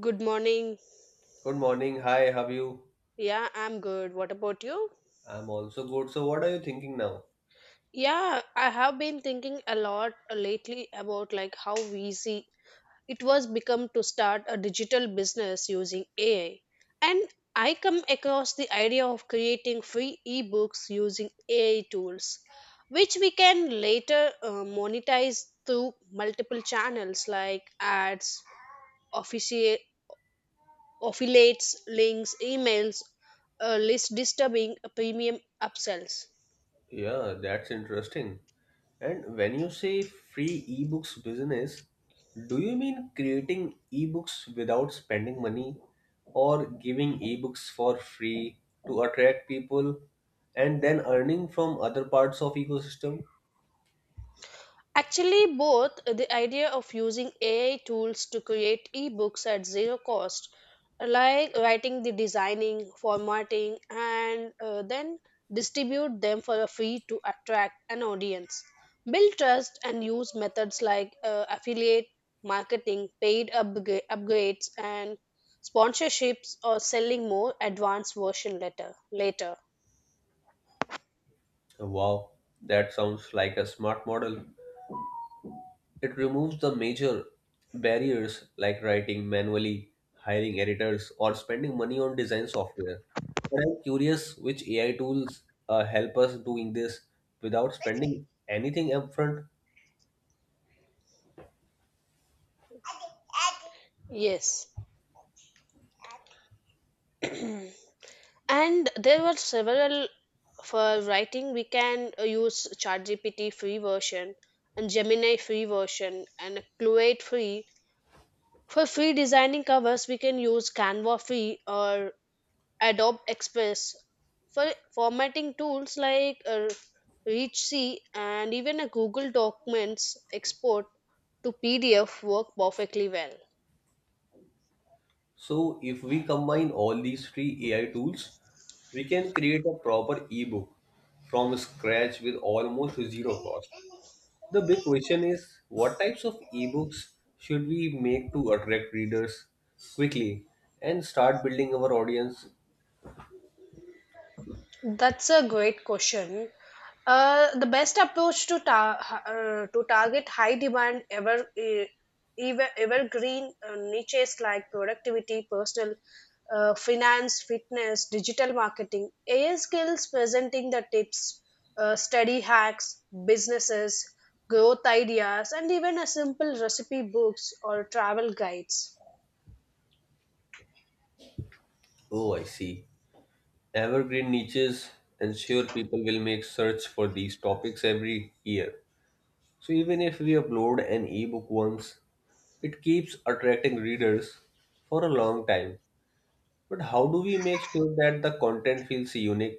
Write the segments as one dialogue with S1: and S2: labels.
S1: Good morning.
S2: Good morning. Hi, how are you?
S1: Yeah, I'm good. What about you?
S2: I'm also good. So, what are you thinking now?
S1: Yeah, I have been thinking a lot lately about like how easy it was become to start a digital business using AI. And I come across the idea of creating free ebooks using AI tools, which we can later monetize through multiple channels like ads, official affiliates, links, emails, list disturbing, premium upsells.
S2: Yeah, that's interesting. And when you say free ebooks business, do you mean creating ebooks without spending money or giving ebooks for free to attract people and then earning from other parts of ecosystem?
S1: Actually, both the idea of using AI tools to create ebooks at zero cost, like writing the designing, formatting, and then distribute them for a fee to attract an audience. Build trust and use methods like affiliate marketing, paid upgrades, and sponsorships, or selling more advanced version later. Later,
S2: Wow, that sounds like a smart model. It removes the major barriers like writing manually, hiring editors, or spending money on design software. But I'm curious which AI tools help us doing this without spending anything upfront.
S1: yes. And there were several. For writing we can use ChatGPT free version and Gemini free version and Cloate free. For free designing covers we can use Canva free or Adobe Express. For formatting tools like ReachC and even a Google Documents export to PDF work perfectly well.
S2: So if we combine all these three AI tools, we can create a proper ebook from scratch with almost zero cost. The big question is what types of ebooks should we make to attract readers quickly and start building our audience?
S1: That's a great question. The best approach to to target high demand ever evergreen niches like productivity, personal finance, fitness, digital marketing, AI skills, presenting the tips, study hacks, businesses, growth ideas, and even a simple recipe books or travel guides.
S2: Oh, I see. Evergreen niches ensure people will make search for these topics every year. So even if we upload an ebook once, it keeps attracting readers for a long time. But how do we make sure that the content feels unique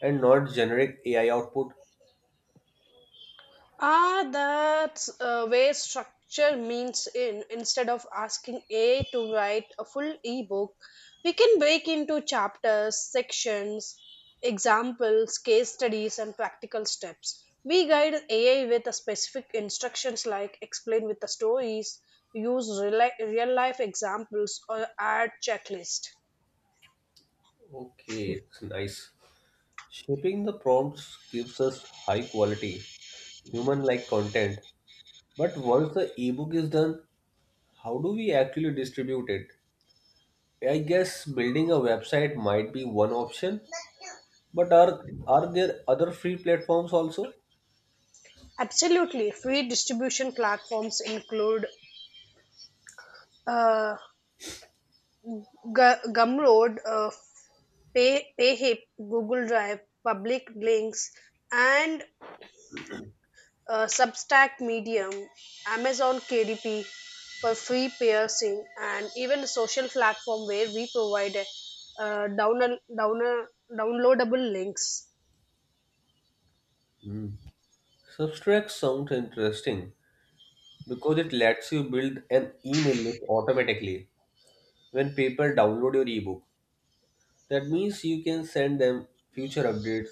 S2: and not generic AI output?
S1: Ah, that's where structure means in. Instead of asking AI to write a full ebook, we can break into chapters, sections, examples, case studies, and practical steps. We guide AI with a specific instructions like explain with the stories, use real life examples, or add checklist.
S2: Okay, it's nice. Shaping the prompts gives us high quality, human like content. But once the ebook is done, how do we actually distribute it? I guess building a website might be one option, but are there other free platforms also?
S1: Absolutely, free distribution platforms include uh, Gumroad, PayHip, Google Drive, public links, and Substack Medium, Amazon KDP for free piercing, and even a social platform where we provide uh, down, down, downloadable links.
S2: Hmm. Substract sounds interesting because it lets you build an email list automatically when people download your ebook. That means you can send them future updates,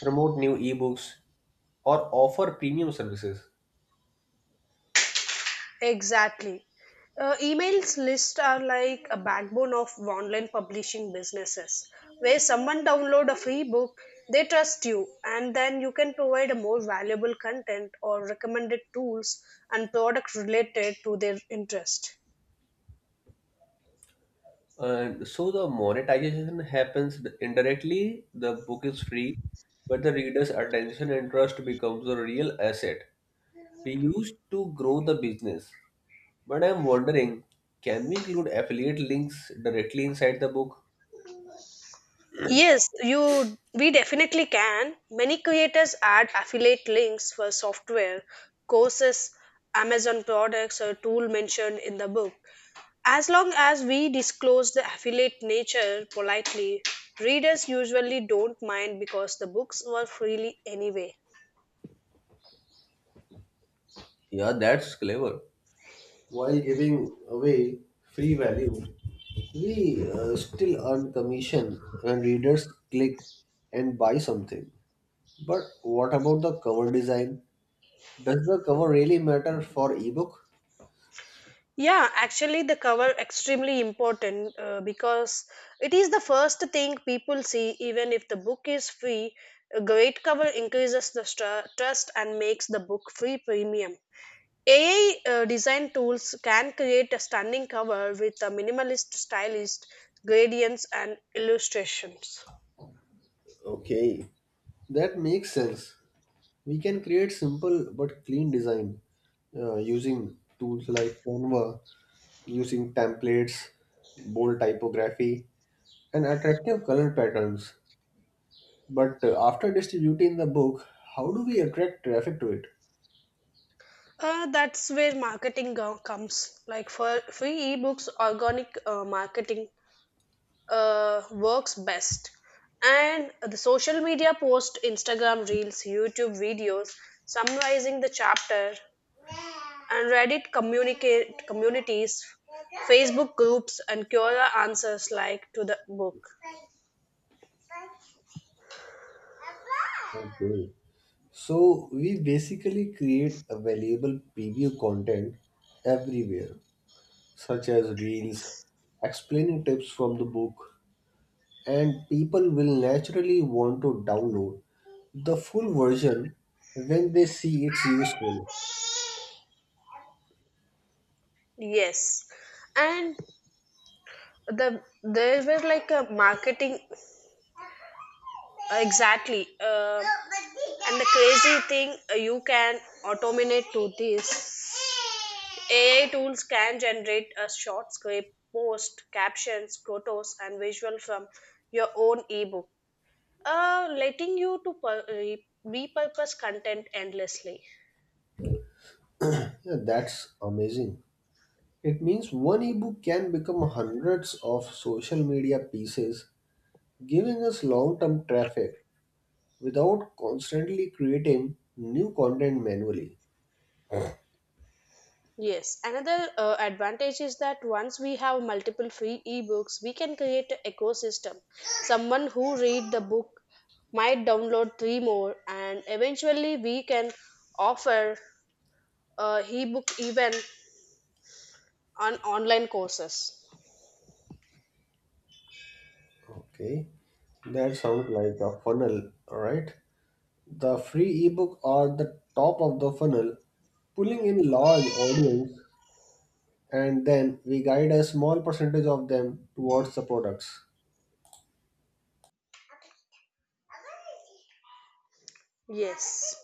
S2: promote new ebooks, or offer premium services.
S1: Exactly. Emails lists are like a backbone of online publishing businesses where someone download a free book, they trust you and then you can provide a more valuable content or recommended tools and product related to their interest.
S2: And so the monetization happens indirectly, the book is free, but the reader's attention and trust becomes a real asset. We use to grow the business, but I'm wondering, can we include affiliate links directly inside the book?
S1: Yes, you we definitely can. Many creators add affiliate links for software, courses, Amazon products or tool mentioned in the book. As long as we disclose the affiliate nature politely, readers usually don't mind because the books were freely anyway.
S2: Yeah, that's clever. While giving away free value, we still earn commission when readers click and buy something. But what about the cover design? Does the cover really matter for ebook?
S1: Yeah, actually, the cover extremely important because it is the first thing people see, even if the book is free. A great cover increases the trust and makes the book free premium. AI design tools can create a stunning cover with a minimalist, stylist gradients and illustrations.
S2: Okay. That makes sense. We can create simple but clean design using tools like Canva, using templates, bold typography, and attractive color patterns. But after distributing the book, how do we attract traffic to it?
S1: That's where marketing comes. Like for free ebooks, organic marketing works best. And the social media post, Instagram reels, YouTube videos summarizing the chapter, and Reddit communicate communities, Facebook groups, and Quora answers like to the book.
S2: Okay. So we basically create a valuable preview content everywhere, such as reels, explaining tips from the book, and people will naturally want to download the full version when they see it's useful.
S1: Yes, and there were like a marketing exactly. And the crazy thing you can automate to this. AI tools can generate a short script, post, captions, photos, and visual from your own ebook, letting you to repurpose content endlessly.
S2: Yeah, that's amazing. It means one ebook can become hundreds of social media pieces, giving us long term traffic without constantly creating new content manually.
S1: Yes, another advantage is that once we have multiple free ebooks, we can create an ecosystem. Someone who read the book might download three more and eventually we can offer ebook even on online courses.
S2: Okay, that sounds like a funnel, right? The free ebook are the top of the funnel, pulling in large audience, and then we guide a small percentage of them towards the products.
S1: Yes,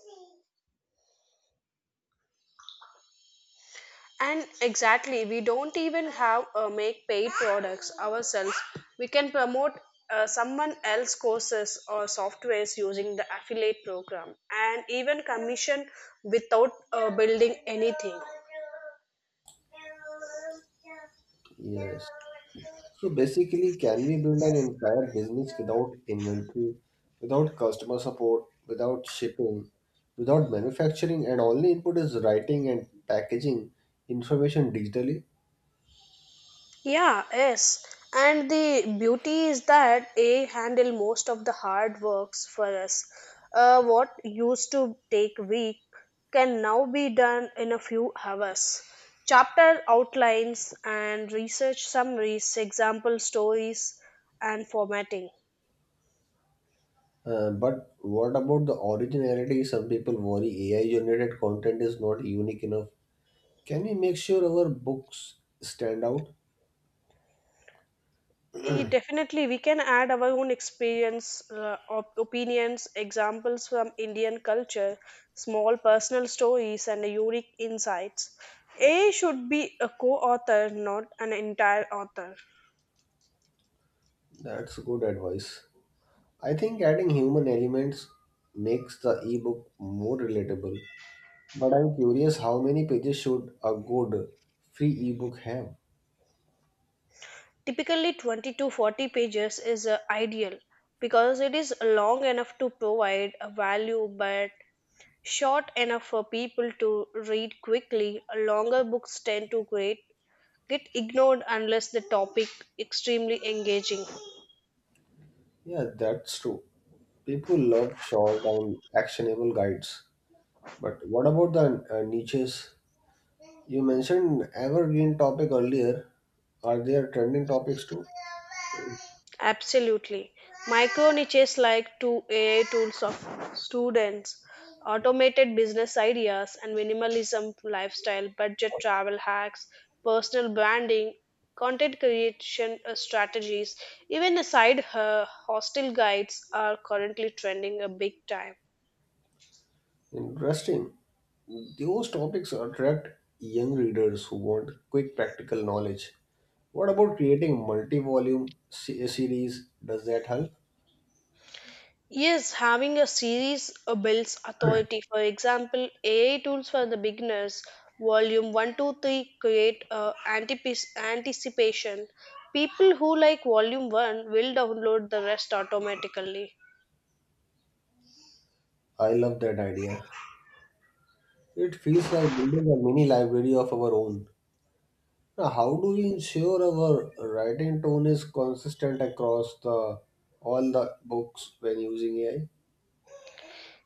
S1: and exactly we don't even have make paid products ourselves. We can promote someone else courses or softwares using the affiliate program and even commission without building anything.
S2: Yes. So basically, can we build an entire business without inventory, without customer support, without shipping, without manufacturing, and only input is writing and packaging information digitally?
S1: Yeah, yes. And the beauty is that AI handle most of the hard works for us. What used to take week can now be done in a few hours. Chapter outlines and research summaries, example stories, and formatting.
S2: But what about the originality? Some people worry AI generated content is not unique enough. Can we make sure our books stand out?
S1: Definitely, we can add our own experience, opinions, examples from Indian culture, small personal stories, and unique insights. A I should be a co author, not an entire author.
S2: That's good advice. I think adding human elements makes the ebook more relatable. But I'm curious, how many pages should a good free ebook have?
S1: Typically, 20 to 40 pages is ideal because it is long enough to provide a value but short enough for people to read quickly. Longer books tend to create get ignored unless the topic extremely engaging.
S2: Yeah, that's true. People love short and actionable guides. But what about the niches? You mentioned evergreen topic earlier. Are there trending topics too?
S1: Absolutely, micro niches like to ai tools of students, automated business ideas and minimalism lifestyle, budget travel hacks, personal branding, content creation strategies, even aside her hostel guides are currently trending a big time.
S2: Interesting. Those topics attract young readers who want quick practical knowledge. What about creating multi-volume series? Does that help?
S1: Yes, having a series builds authority. For example, AI tools for the beginners, volume one, two, three create anticipation. People who like volume 1 will download the rest automatically.
S2: I love that idea. It feels like building a mini library of our own. Now, how do we ensure our writing tone is consistent across the all the books when using AI?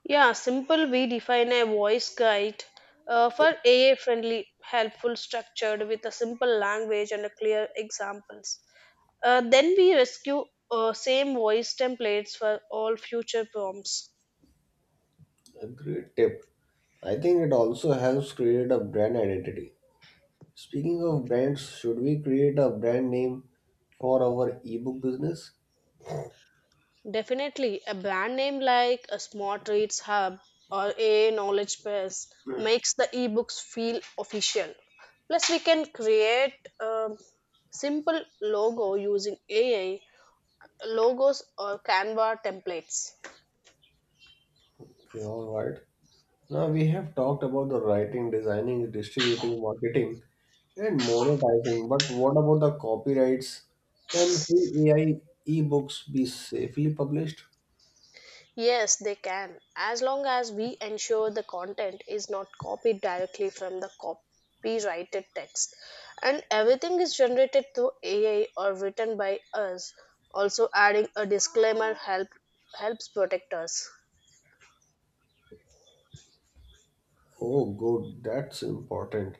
S1: Yeah, simple, we define a voice guide for AI friendly, helpful, structured with a simple language and a clear examples. Then we rescue same voice templates for all future prompts.
S2: A great tip. I think it also helps create a brand identity. Speaking of brands, should we create a brand name for our ebook business?
S1: Definitely, a brand name like a Smart Reads Hub or a Knowledge Base makes the ebooks feel official. Plus, we can create a simple logo using AI logos or Canva templates.
S2: Okay, all right. Now we have talked about the writing, designing, distributing, marketing, and monetizing, but what about the copyrights? Can free AI ebooks be safely published?
S1: Yes, they can, as long as we ensure the content is not copied directly from the copyrighted text and everything is generated through AI or written by us. Also, adding a disclaimer helps protect us.
S2: Oh, good, that's important.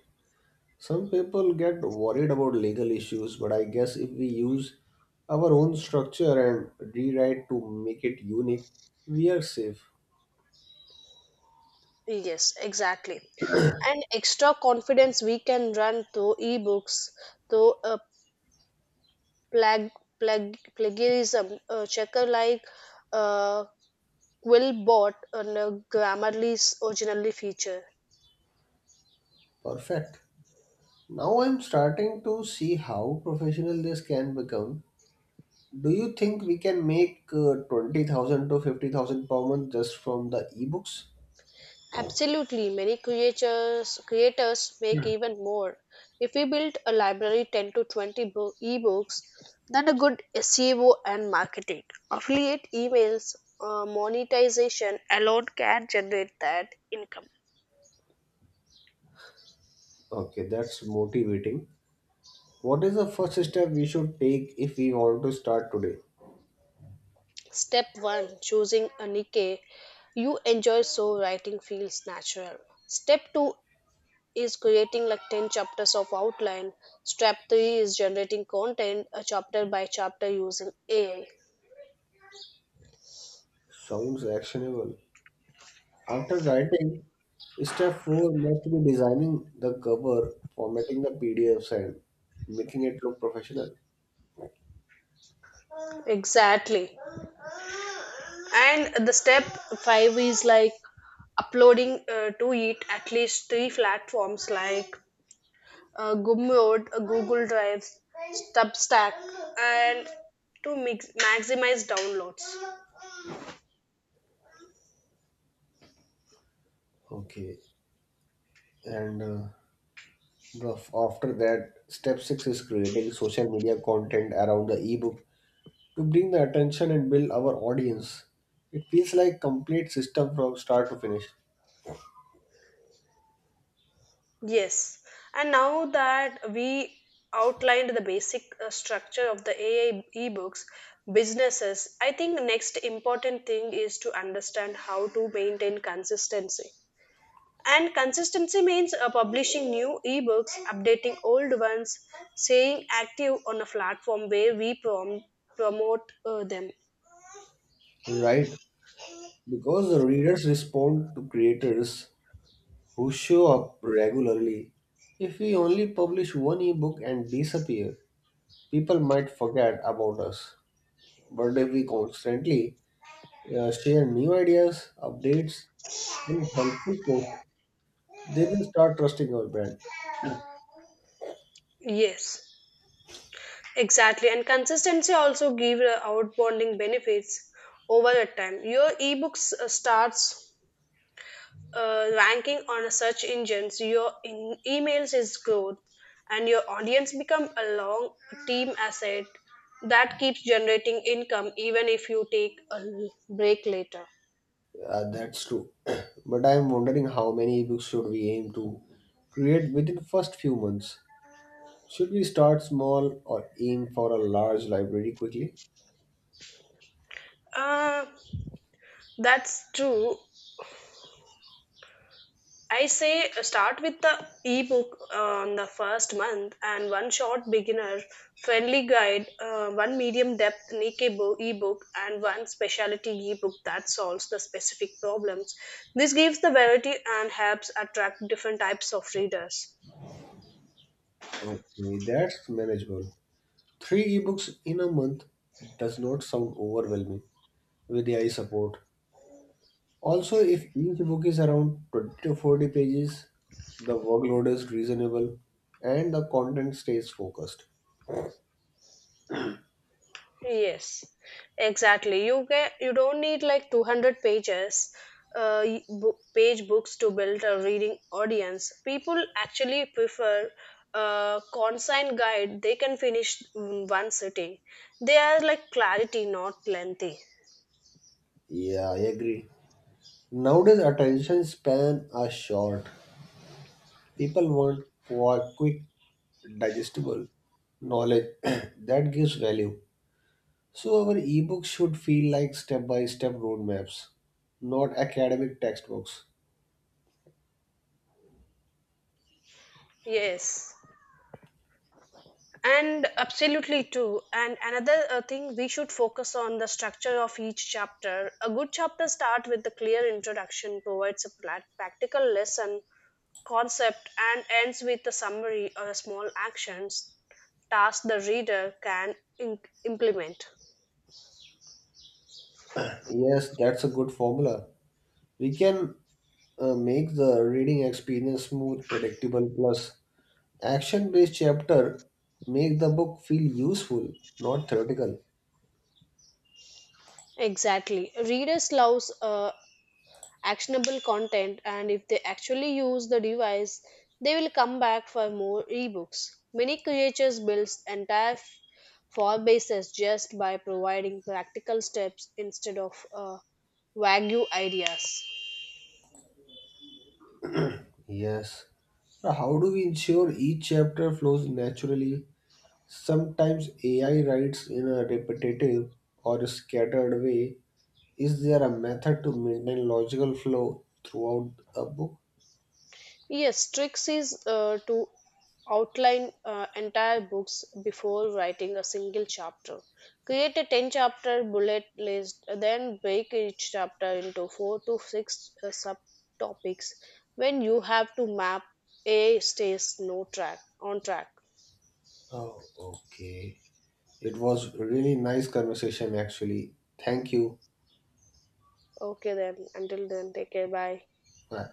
S2: Some people get worried about legal issues, but I guess if we use our own structure and rewrite to make it unique, we are safe.
S1: Yes, exactly. And extra confidence we can run through ebooks, through a plag, plagiarism checker like uh. Will bot on Grammarly's originally feature.
S2: Perfect. Now I'm starting to see how professional this can become. Do you think we can make 20,000 to 50,000 per month just from the ebooks?
S1: Absolutely, many creators make even more. If we build a library 10 to 20 ebooks, then a good SEO and marketing, affiliate emails, monetization alone can generate that income.
S2: Okay, that's motivating. What is the first step we should take if we want to start today?
S1: Step 1, choosing a niche you enjoy so writing feels natural. Step 2 is creating like 10 chapters of outline. Step 3 is generating content chapter by chapter using AI.
S2: Sounds actionable. After writing, step 4 must be designing the cover, formatting the PDFs, and making it look professional.
S1: Exactly. And the step 5 is like uploading to it at least three platforms like Gumroad, Google Drive, Substack, and maximize downloads.
S2: Okay, and after that, step 6 is creating social media content around the ebook to bring the attention and build our audience. It feels like complete system from start to finish,
S1: Yes, and now that we outlined the basic structure of the AI ebooks businesses, I think next important thing is to understand how to maintain consistency. And consistency means publishing new ebooks, updating old ones, staying active on a platform where we promote them.
S2: right? Because the readers respond to creators who show up regularly. If we only publish one ebook and disappear, people might forget about us. But if we constantly share new ideas, updates, and helpful posts, they will start trusting our brand.
S1: Yes, exactly. And consistency also gives outbounding benefits over the time. Your ebooks starts ranking on a search engines, your emails is growth, and your audience become a long team asset that keeps generating income even if you take a break later.
S2: That's true. But I'm wondering, how many ebooks should we aim to create within first few months? Should we start small or aim for a large library quickly?
S1: uh, that's true. I say start with the ebook on the first month and one short beginner friendly guide, one medium depth niche ebook, and one specialty ebook that solves the specific problems. This gives the variety and helps attract different types of readers.
S2: Okay, that's manageable. Three ebooks in a month does not sound overwhelming with AI support. Also, if each book is around 20 to 40 pages, the workload is reasonable and the content stays focused.
S1: Yes, exactly. You don't need like 200 pages page books to build a reading audience. People actually prefer a consigned guide they can finish in one sitting. They are like clarity, not lengthy.
S2: Yeah, I agree. Nowadays, attention span are short. People want quick, digestible knowledge that gives value. So our ebooks should feel like step-by-step roadmaps, not academic textbooks.
S1: Yes, and absolutely too. And another thing we should focus on the structure of each chapter. A good chapter start with the clear introduction, provides a practical lesson concept, and ends with a summary or a small actions task the reader can implement.
S2: Yes, that's a good formula. We can make the reading experience smooth, predictable, plus action-based chapter make the book feel useful, not theoretical.
S1: Exactly, readers loves actionable content, and if they actually use the device they will come back for more ebooks. Many creators build entire file bases just by providing practical steps instead of vague ideas.
S2: Yes. Now, how do we ensure each chapter flows naturally? Sometimes AI writes in a repetitive or scattered way. Is there a method to maintain logical flow throughout a book?
S1: Yes, tricks is to outline entire books before writing a single chapter. Create a 10 chapter bullet list, then break each chapter into 4 to 6 subtopics when you have to map. A stays no track on track.
S2: Oh, okay. It was really nice conversation actually. Thank you.
S1: Okay then, until then take care, bye.
S2: Bye.